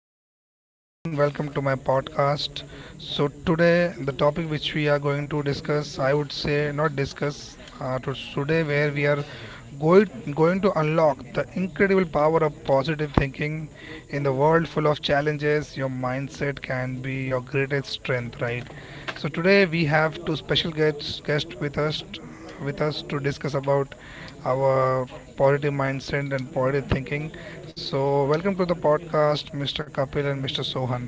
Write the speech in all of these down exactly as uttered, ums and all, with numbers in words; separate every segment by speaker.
Speaker 1: viewers. Good afternoon. Welcome to my podcast. So today, the topic which we are going to discuss, I would say, not discuss, uh, to today, where we are going, going to unlock the incredible power of positive thinking in the world full of challenges. Your mindset can be your greatest strength, right? So today, we have two special guests guest with us with us to discuss about our positive mindset and positive thinking. So welcome to the podcast, Mister Kapil and Mister Sohan.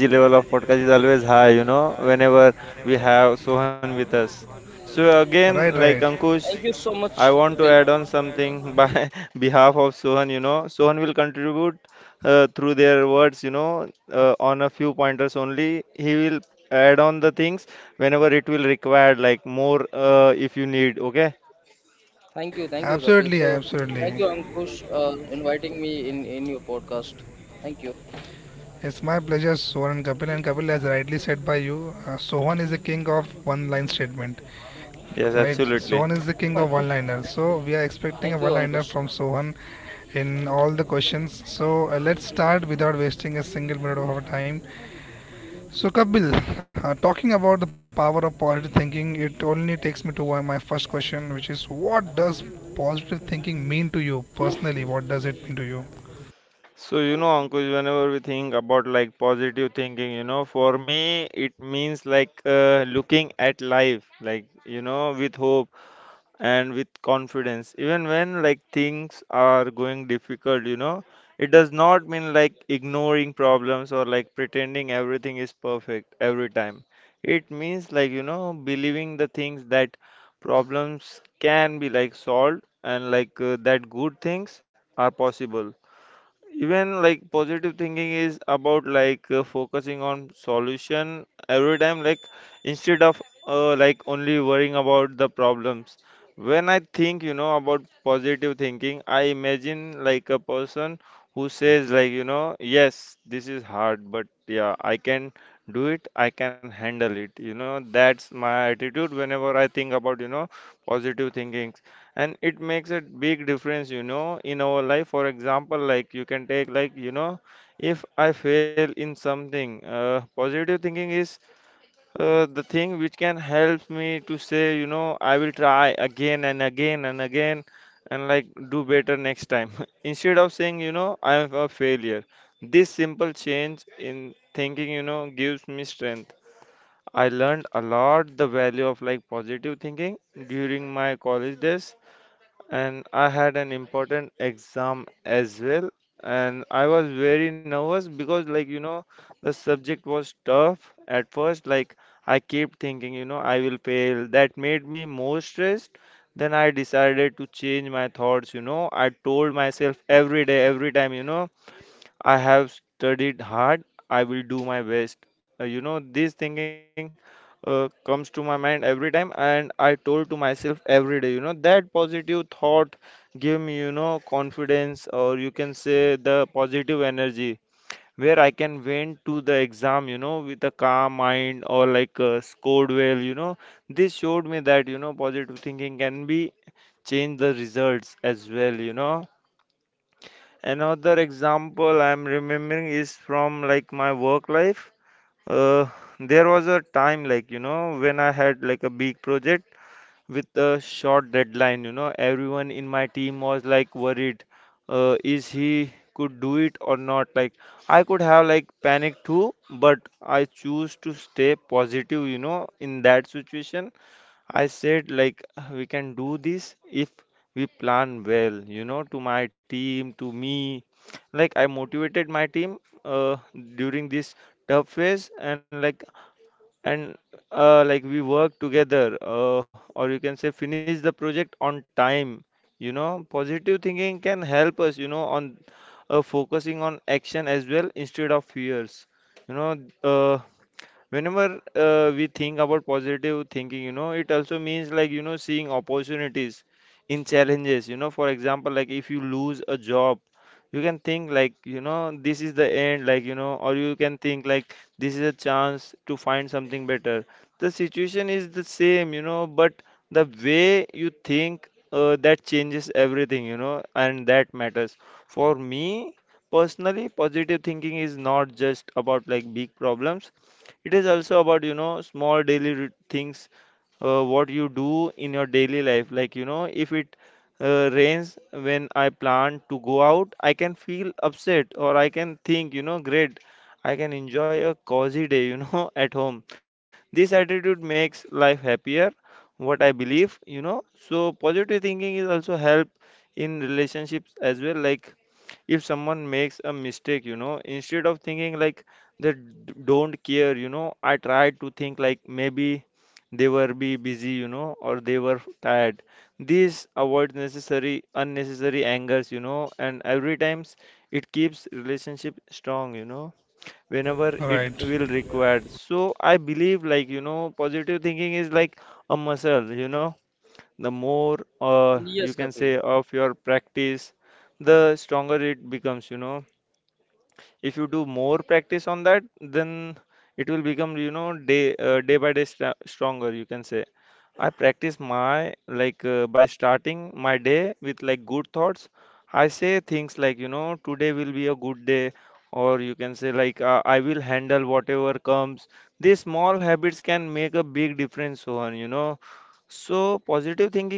Speaker 1: Energy level of podcast is always high, you know, whenever we have Sohan with us. Right, right.
Speaker 2: Thank you so much, Kapil. Thank you, thank you, Kapil.
Speaker 1: Absolutely,
Speaker 2: So, thank
Speaker 1: absolutely.
Speaker 2: you, Ankush, uh, inviting me in in your podcast. Thank you,
Speaker 1: It's my pleasure, Sohan and Kapil. And Kapil, as rightly said by you, uh, Sohan is the king of one line statement. Right, Sohan is the king of one-liner, so we are expecting
Speaker 2: thank
Speaker 1: a
Speaker 2: you,
Speaker 1: one-liner
Speaker 2: Ankush.
Speaker 1: from Sohan in all the questions. So uh, let's start without wasting a single minute of our time. So Kapil, uh, talking about the power of positive thinking, it only takes me to uh, my first question, which is, what does positive thinking mean to you personally? What does it mean to you? Right.
Speaker 2: Yes, Kapil.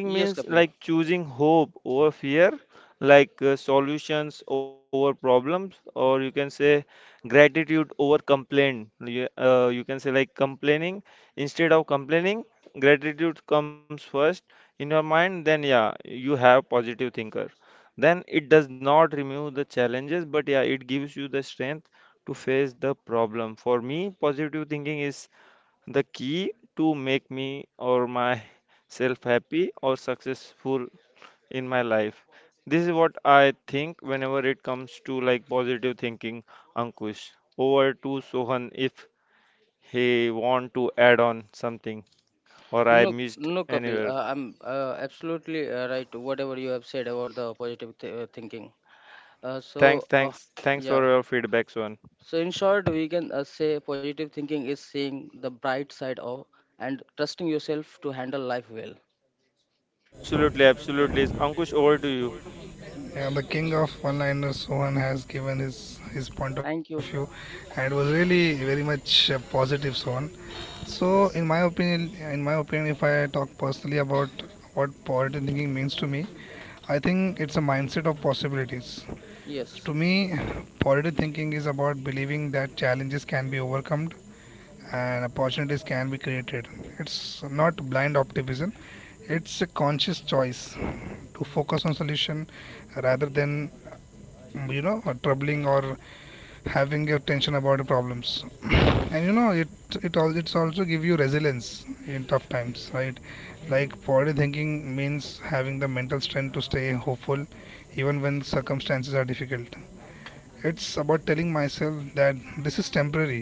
Speaker 2: Yes, Kapil. No, no, Kapil. Uh, I'm uh, absolutely uh, right. Whatever you have said about the positive th- uh, thinking. Uh, so, uh, yeah. So, in short, we can uh, say positive thinking is seeing the bright side of and trusting yourself to handle life well.
Speaker 1: Yeah, the king of one-liners, Sohan, has given his his point of
Speaker 2: Thank
Speaker 1: view,
Speaker 2: you.
Speaker 1: and it was really very much uh, positive, Sohan. So in my
Speaker 2: Yes.
Speaker 1: opinion, in my opinion, if I talk personally about what positive thinking means to me, I think it's a mindset of possibilities.
Speaker 2: Yes.
Speaker 1: To me, positive thinking is about believing that challenges can be overcome and opportunities can be created. It's not blind optimism; it's a conscious choice to focus on solution rather than you know troubling or having your tension about problems, and you know it it all it's also give you resilience in tough times, right? Like positive thinking means having the mental strength to stay hopeful even when circumstances are difficult. It's about telling myself that this is temporary,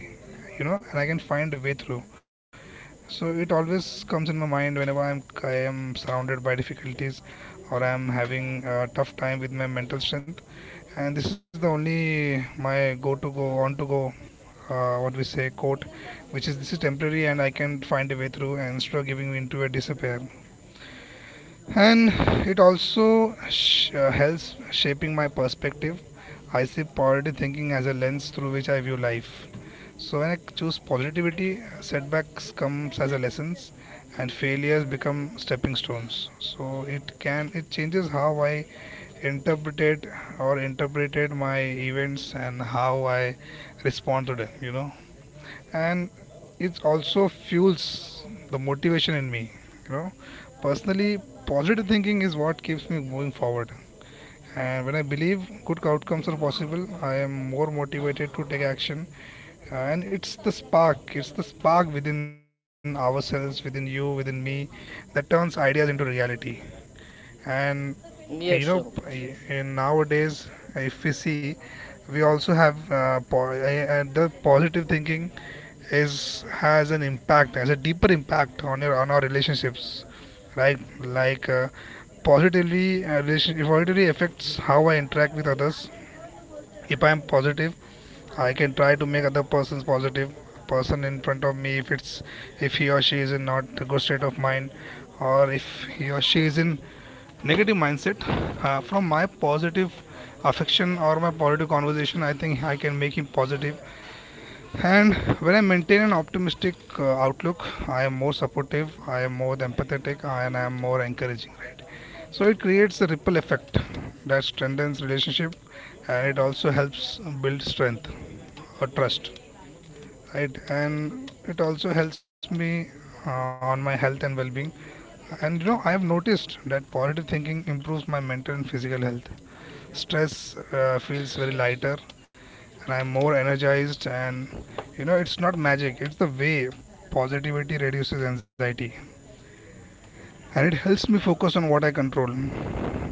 Speaker 1: you know, and I can find a way through. So it always comes in my mind whenever i'm i am surrounded by difficulties or I'm having a tough time with my mental strength. And this is the only my go to go on to go, uh, what we say, quote, which is, this is temporary and I can find a way through, and instead of giving me into a disappear. And it also sh- uh, helps shaping my perspective. I see positive thinking as a lens through which I view life. So when I choose positivity, setbacks comes as a lessons and failures become stepping stones. So it can it changes how I interpreted or interpreted my events and how I respond to them, you know. And it also fuels the motivation in me, you know. Personally, positive thinking is what keeps me moving forward, and when I believe good outcomes are possible, I am more motivated to take action. And it's the spark, it's the spark within ourselves, within you, within me, that turns ideas into reality. And you
Speaker 2: Yes,
Speaker 1: know,
Speaker 2: Ankush.
Speaker 1: in nowadays, if we see, we also have uh, po- uh, uh, the positive thinking is has an impact, has a deeper impact on your on our relationships, right? Like uh, positively uh, relation it positively affects how I interact with others. If I am positive, I can try to make other persons positive, person in front of me, if it's, if he or she is in not a good state of mind, or if he or she is in negative mindset, uh, from my positive affection or my positive conversation, I think I can make him positive. And when I maintain an optimistic uh, outlook, I am more supportive, I am more empathetic, and I am more encouraging, right? So it creates a ripple effect that strengthens relationship, and it also helps build strength or trust, right? And it also helps me uh, on my health and well-being. And you know, I have noticed that positive thinking improves my mental and physical health. Stress uh, feels very lighter, and I'm more energized. And you know, it's not magic, it's the way positivity reduces anxiety and it helps me focus on what I control.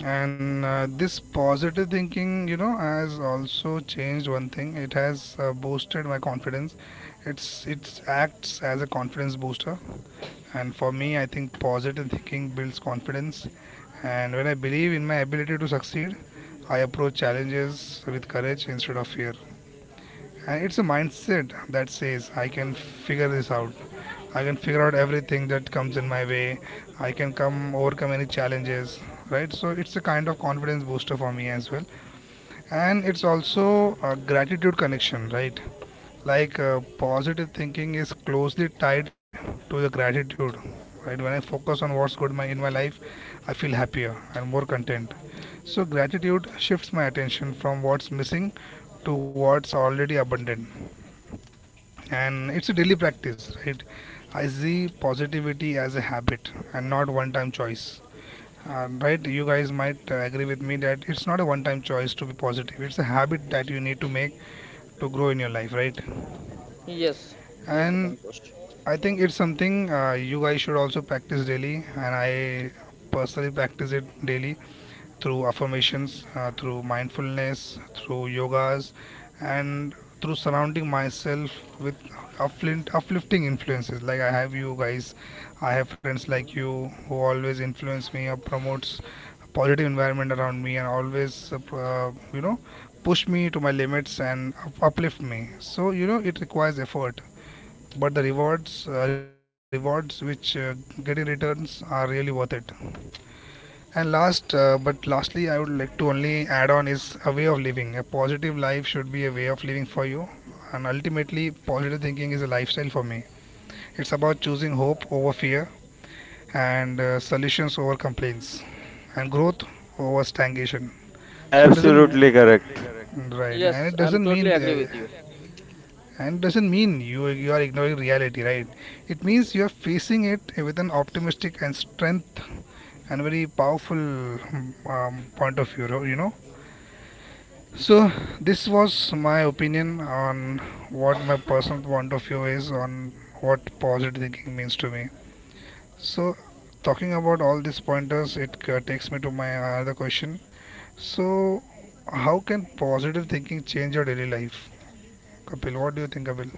Speaker 1: And uh, this positive thinking, you know, has also changed one thing. It has uh, boosted my confidence. It's it acts as a confidence booster, and for me, I think positive thinking builds confidence. And when I believe in my ability to succeed, I approach challenges with courage instead of fear. And it's a mindset that says, I can figure this out. I can figure out everything that comes in my way. I can come overcome any challenges, right? So it's a kind of confidence booster for me as well. And it's also a gratitude connection, right? Like uh, positive thinking is closely tied to the gratitude, right? When I focus on what's good my, in my life, I feel happier and more content. So gratitude shifts my attention from what's missing to what's already abundant. And it's a daily practice, right? I see positivity as a habit and not one time choice. Uh, right, you guys might uh, agree with me that it's not a one time choice to be positive. It's a habit that you need to make to grow in your life, right?
Speaker 2: Yes, yes,
Speaker 1: And
Speaker 2: Ankush.
Speaker 1: I think it's something uh, you guys should also practice daily, and I personally practice it daily through affirmations, uh, through mindfulness, through yogas, and through surrounding myself with uplift, uplifting influences. Like I have you guys, I have friends like you who always influence me or promotes a positive environment around me and always uh, uh, you know push me to my limits and up- uplift me. So you know it requires effort, but the rewards uh, rewards which uh, get in returns are really worth it. And last, uh, but lastly, I would like to only add on is a way of living. A positive life should be a way of living for you. And ultimately, positive thinking is a lifestyle for me. It's about choosing hope over fear, and uh, solutions over complaints, and growth over stagnation. So it doesn't Absolutely correct. Right, and it
Speaker 2: Yes, I'm
Speaker 1: doesn't
Speaker 2: totally
Speaker 1: mean
Speaker 2: agree
Speaker 1: uh,
Speaker 2: with you.
Speaker 1: and it doesn't mean you you are ignoring reality, right? It means
Speaker 2: Yes.
Speaker 1: you are facing it with an optimistic and strength and very powerful um, point of view, you know. So this was my opinion on what my personal point of view is on what positive thinking means to me. So talking about all these pointers, it uh, takes me to my other question. So how can positive thinking change your daily life, Kapil? What do you think, Kapil?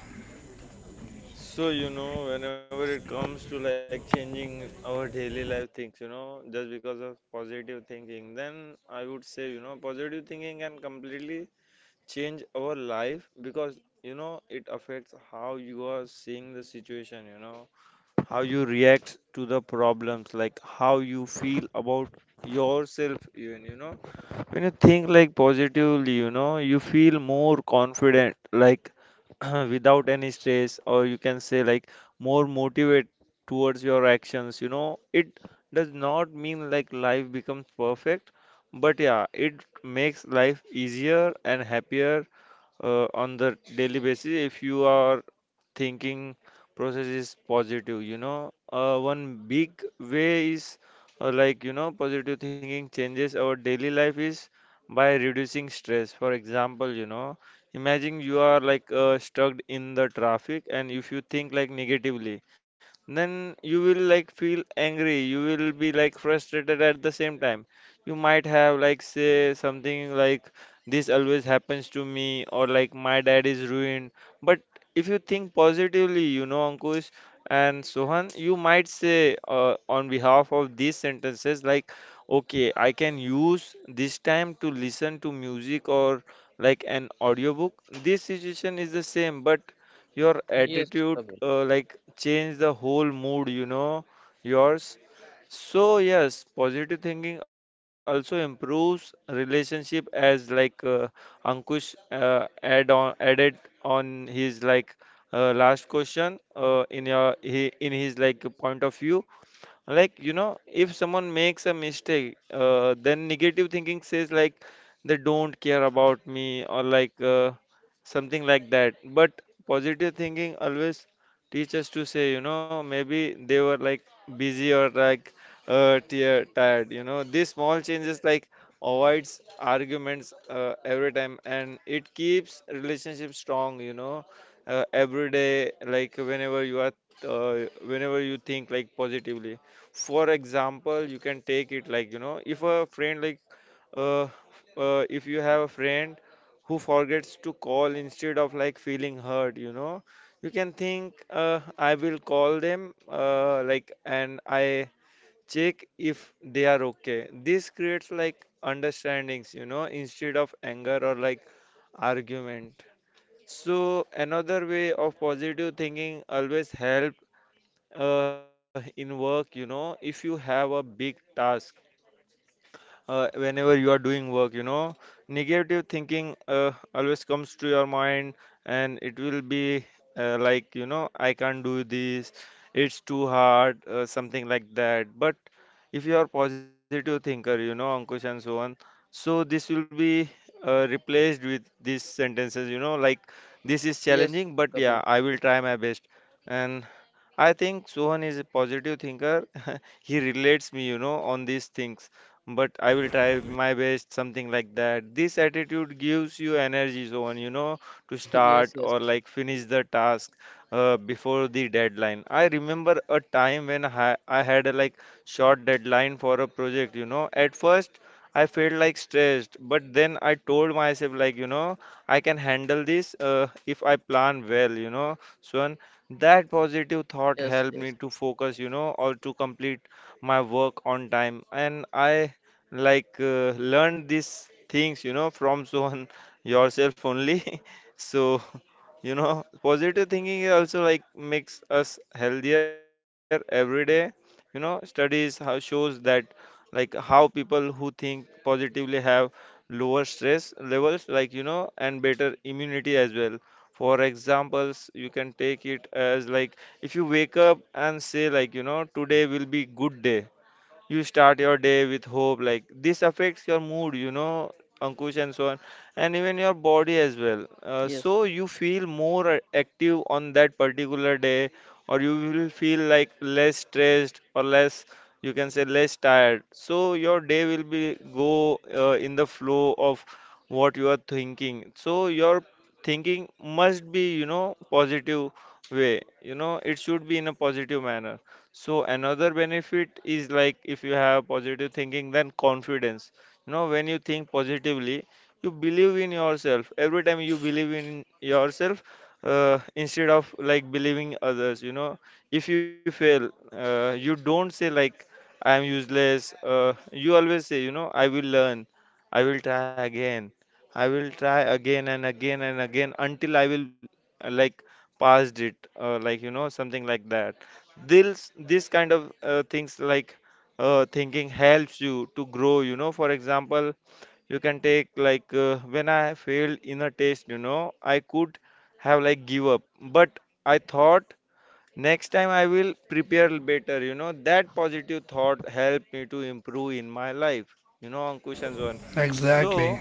Speaker 2: Yes, Kapil. Yes, Kapil. Yes, yes, yes, yes, yes,
Speaker 1: Exactly,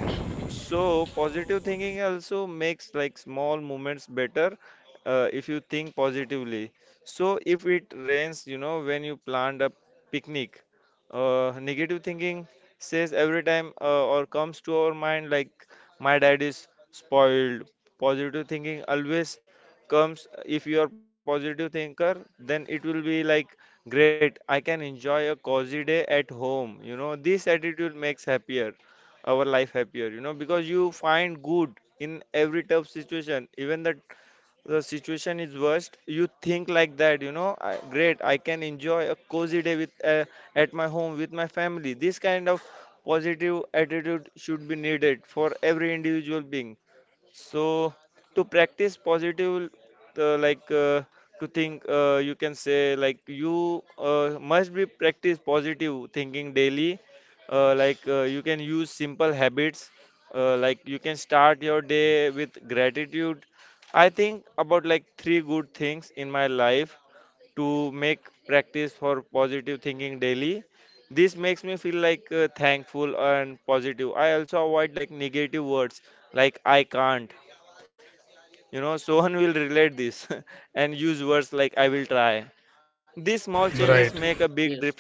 Speaker 2: yes,
Speaker 1: right.
Speaker 2: yes.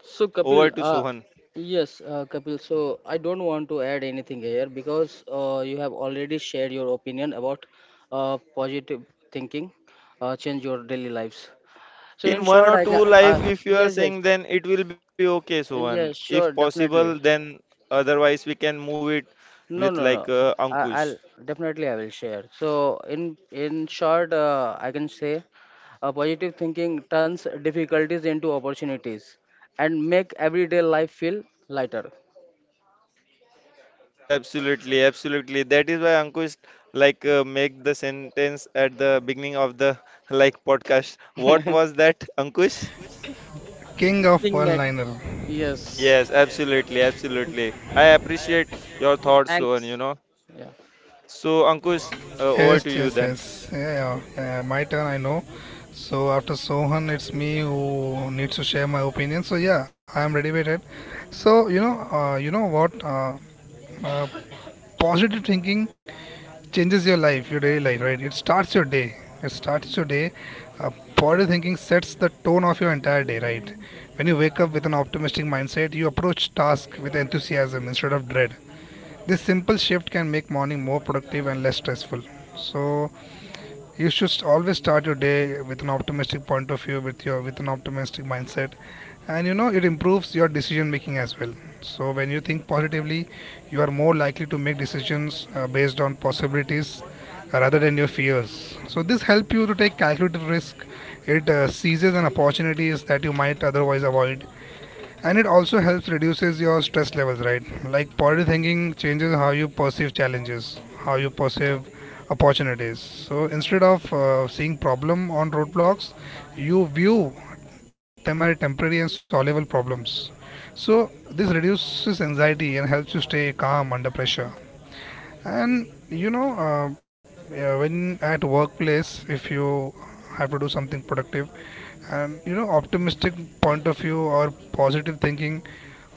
Speaker 2: So, Kapil, uh, yes, uh, Kapil. So, I don't want to add anything here because uh, you have already shared your opinion about uh, positive thinking, uh, change your daily lives. So, in short, I can. Uh, yes, yes, yes. Sure, definitely. No, no, no. I, I'll definitely I will share. So in in short, uh, I can say, uh, positive thinking turns difficulties into opportunities, and make everyday life feel lighter. King
Speaker 1: King of one
Speaker 2: Mac,
Speaker 1: liner.
Speaker 2: yes, thanks. Yeah.
Speaker 1: Yes, yes, yes. Yeah, yeah, yeah. Yeah. My turn, I know. So after Sohan, it's me who needs to share my opinion. So yeah, I am ready with it. So you know, uh, you know what? Uh, uh, Positive thinking changes your life, your daily life, right? It starts your day. It starts your day. Uh, positive thinking sets the tone of your entire day, right? When you wake up with an optimistic mindset, you approach tasks with enthusiasm instead of dread. This simple shift can make morning more productive and less stressful. So you should always start your day with an optimistic point of view, with your with an optimistic mindset. And you know, it improves your decision making as well. So when you think positively, you are more likely to make decisions uh, based on possibilities uh, rather than your fears. So this helps you to take calculated risk. It uh, seizes on opportunities that you might otherwise avoid. And it also helps reduces your stress levels, right? Like positive thinking changes how you perceive challenges, how you perceive opportunities. So instead of uh, seeing problem on roadblocks, you view them as temporary and solvable problems. So this reduces anxiety and helps you stay calm under pressure. And you know, uh, yeah, when at workplace, if you have to do something productive, and you know, optimistic point of view or positive thinking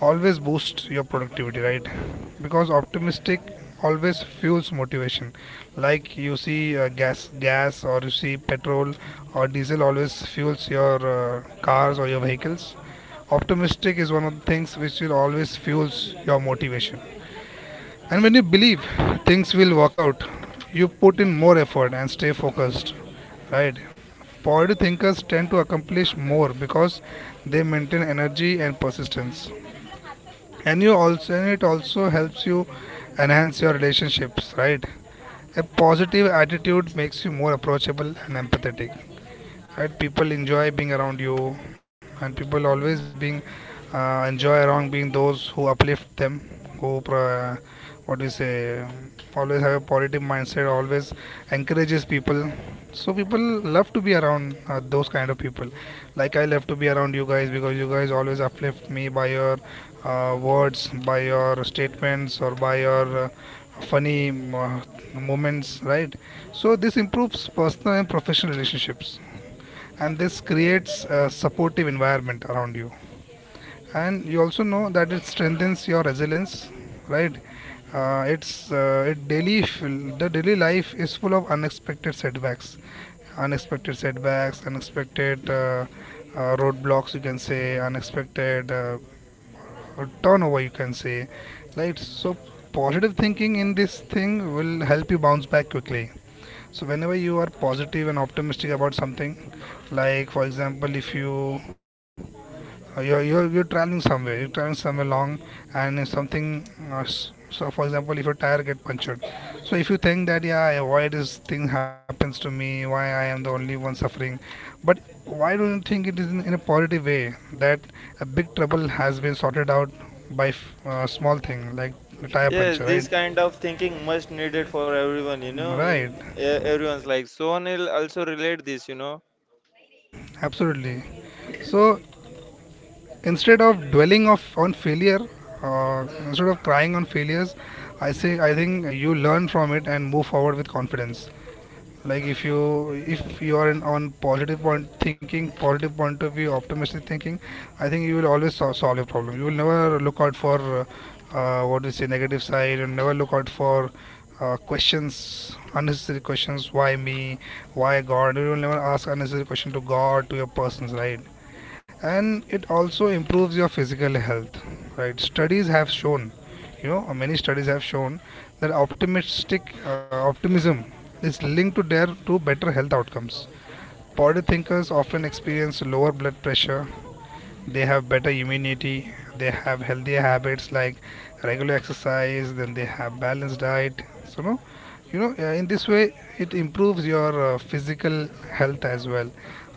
Speaker 1: always boosts your productivity, right? Because optimistic always fuels motivation. Like you see uh, gas, gas, or you see petrol or diesel always fuels your uh, cars or your vehicles. Optimistic is one of the things which will always fuels your motivation. And when you believe things will work out, you put in more effort and stay focused, right? Positive thinkers tend to accomplish more because they maintain energy and persistence. And you also and it also helps you enhance your relationships, right? A positive attitude makes you more approachable and empathetic, right? People enjoy being around you, and people always being uh, enjoy around being those who uplift them, who pro- what do you say, always have a positive mindset, always encourages people. So people love to be around uh, those kind of people. Like, I love to be around you guys because you guys always uplift me by your uh, words, by your statements, or by your uh, funny uh, moments, right? So this improves personal and professional relationships, and this creates a supportive environment around you. And you also know that it strengthens your resilience, right? Uh, it's uh, it daily fill- the daily life is full of unexpected setbacks. Unexpected setbacks unexpected uh, uh, roadblocks, you can say, unexpected uh, turnover, you can say, right? So positive thinking in this thing will help you bounce back quickly. So whenever you are positive and optimistic about something, like for example, if you uh, you're, you're you're traveling somewhere, you're traveling somewhere long, and something. Uh, so for example, if your tire get punctured, so if you think that, yeah, why this thing happens to me, why I am the only one suffering, but why don't you think it is in, in a positive way that a big trouble has been sorted out by f- uh, small thing like the tire puncture, right? Right, absolutely. So instead of dwelling of on failure, uh, instead of crying on failures, i say i think you learn from it and move forward with confidence. Like if you if you are in, on positive point thinking, positive point of view, optimistic thinking, I think you will always sol- solve your problem. You will never look out for uh, uh, what we say, negative side, and never look out for uh, questions, unnecessary questions, why me, why god. You will never ask unnecessary question to god, to your persons, right? And it also improves your physical health, right? studies have shown You know, many studies have shown that optimistic uh, optimism is linked to their to better health outcomes. Body thinkers often experience lower blood pressure, they have better immunity, they have healthier habits like regular exercise, then they have balanced diet. So no, you know, uh, in this way it improves your uh, physical health as well,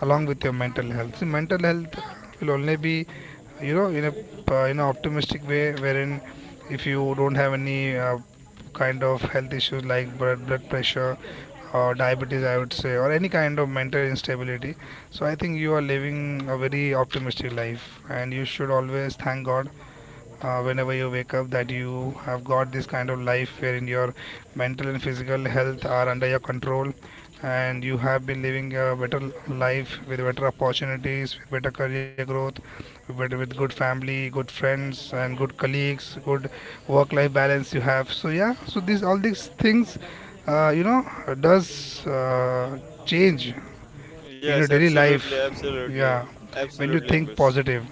Speaker 1: along with your mental health. See, mental health will only be, you know, in a uh, in an optimistic way, wherein if you don't have any uh, kind of health issues like blood blood pressure or diabetes, I would say, or any kind of mental instability. So I think you are living a very optimistic life, and you should always thank God uh, whenever you wake up, that you have got this kind of life wherein your mental and physical health are under your control, and you have been living a better life with better opportunities, with better career growth, with, with good family, good friends, and good colleagues, good work-life balance you have. So yeah, so these all these things, uh, you know, does uh, change in your daily life, yeah, when you think positive.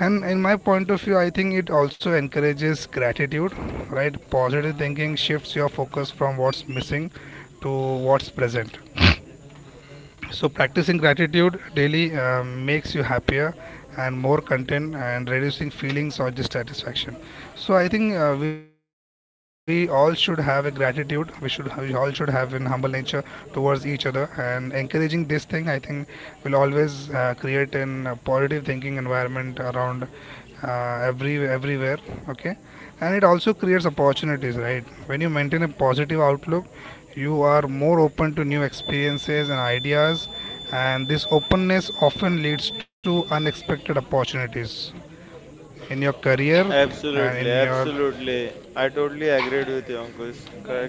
Speaker 1: And in my point of view, I think it also encourages gratitude, right? Positive thinking shifts your focus from what's missing to what's present. So practicing gratitude daily uh, makes you happier and more content, and reducing feelings or dissatisfaction. So I think uh, we all should have a gratitude. We should we all should have an humble nature towards each other, and encouraging this thing, I think, will always uh, create an uh, positive thinking environment around uh, every everywhere. Okay, and it also creates opportunities, right? When you maintain a positive outlook, you are more open to new experiences and ideas, and this openness often leads to unexpected opportunities in your career and in your,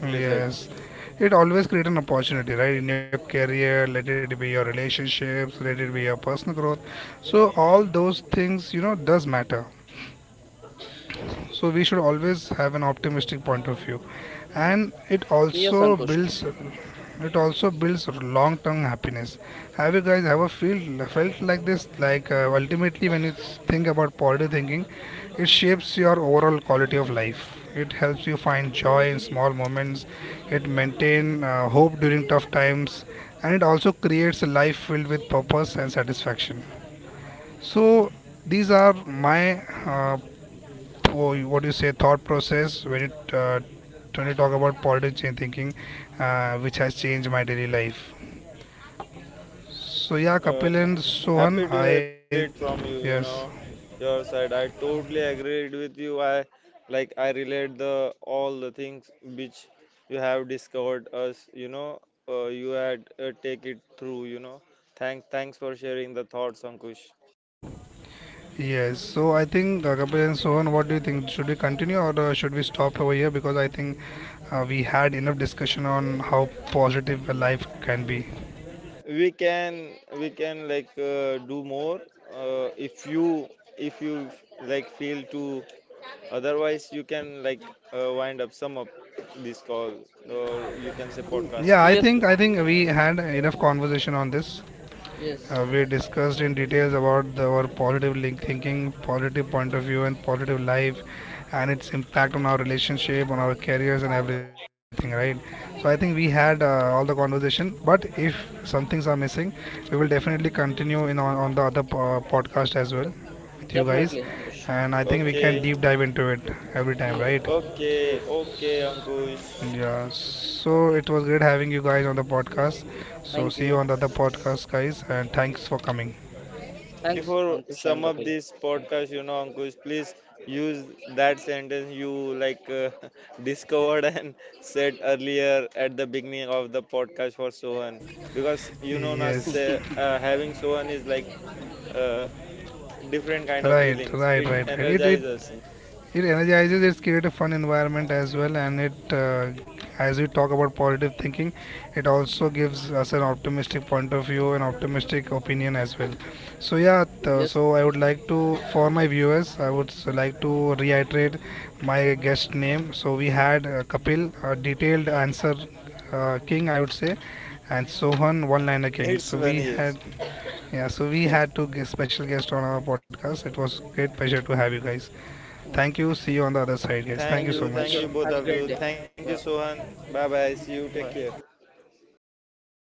Speaker 1: yes, it always creates an opportunity, right, in your career, let it be your relationships, let it be your personal growth. So all those things, you know, does matter. So we should always have an optimistic point of view, and it
Speaker 2: Yes,
Speaker 1: also
Speaker 2: Ankush.
Speaker 1: builds it also builds long-term happiness. Have you guys ever feel felt like this? Like, uh, ultimately, when you think about positive thinking, it shapes your overall quality of life. It helps you find joy in small moments. It maintain uh, hope during tough times, and it also creates a life filled with purpose and satisfaction. So these are my uh, or what do you say, thought process, when it uh, when you talk about politics and thinking, uh, which has changed my daily life. So yeah, Kapil and Sohan, I, yes, yes, so I think, uh, Kapil and Sohan, what do you think, should we continue or uh, should we stop over here? Because I think uh, we had enough discussion on how positive a life can be.
Speaker 2: Mm,
Speaker 1: Yeah, i
Speaker 2: yes,
Speaker 1: think i think we had enough conversation on this.
Speaker 2: yes,
Speaker 1: Uh, we discussed in details about the, our positive link thinking, positive point of view, and positive life, and its impact on our relationship, on our careers, and everything. Right. So I think we had uh, all the conversation. But if some things are missing, we will definitely continue in on, on the other po- podcast as well with you
Speaker 2: definitely,
Speaker 1: guys,
Speaker 2: Ankush.
Speaker 1: and I think we can deep dive into it every time.
Speaker 2: Yes,
Speaker 1: Right.
Speaker 2: yes.
Speaker 1: Yeah, so it was great having you guys on the podcast.
Speaker 2: Thank
Speaker 1: So see
Speaker 2: you.
Speaker 1: you on the other podcast, guys, and thanks for coming.
Speaker 2: Thanks, Ankush and Kapil.
Speaker 1: Yes, right, right, right, right. It, it it energizes, it's create a fun environment as well, and it uh, as we talk about positive thinking, it also gives us an optimistic point of view and optimistic opinion as well. So yeah,
Speaker 2: Yes,
Speaker 1: th- so I
Speaker 2: Ankush.
Speaker 1: would like to, for my viewers, I would s- like to reiterate my guest name. So we had uh, Kapil, a detailed answer uh, king, I would say, and Sohan, one liner king. So we had, yeah, so we
Speaker 2: Yes.
Speaker 1: had two gu- special guests on our podcast. It was great pleasure to have you guys.
Speaker 2: Yeah.
Speaker 1: Thank you. See you on the other side, guys.
Speaker 2: Thank
Speaker 1: Thank you
Speaker 2: you.
Speaker 1: so
Speaker 2: Thank you.
Speaker 1: much.
Speaker 2: Have a great day. Yeah. Bye.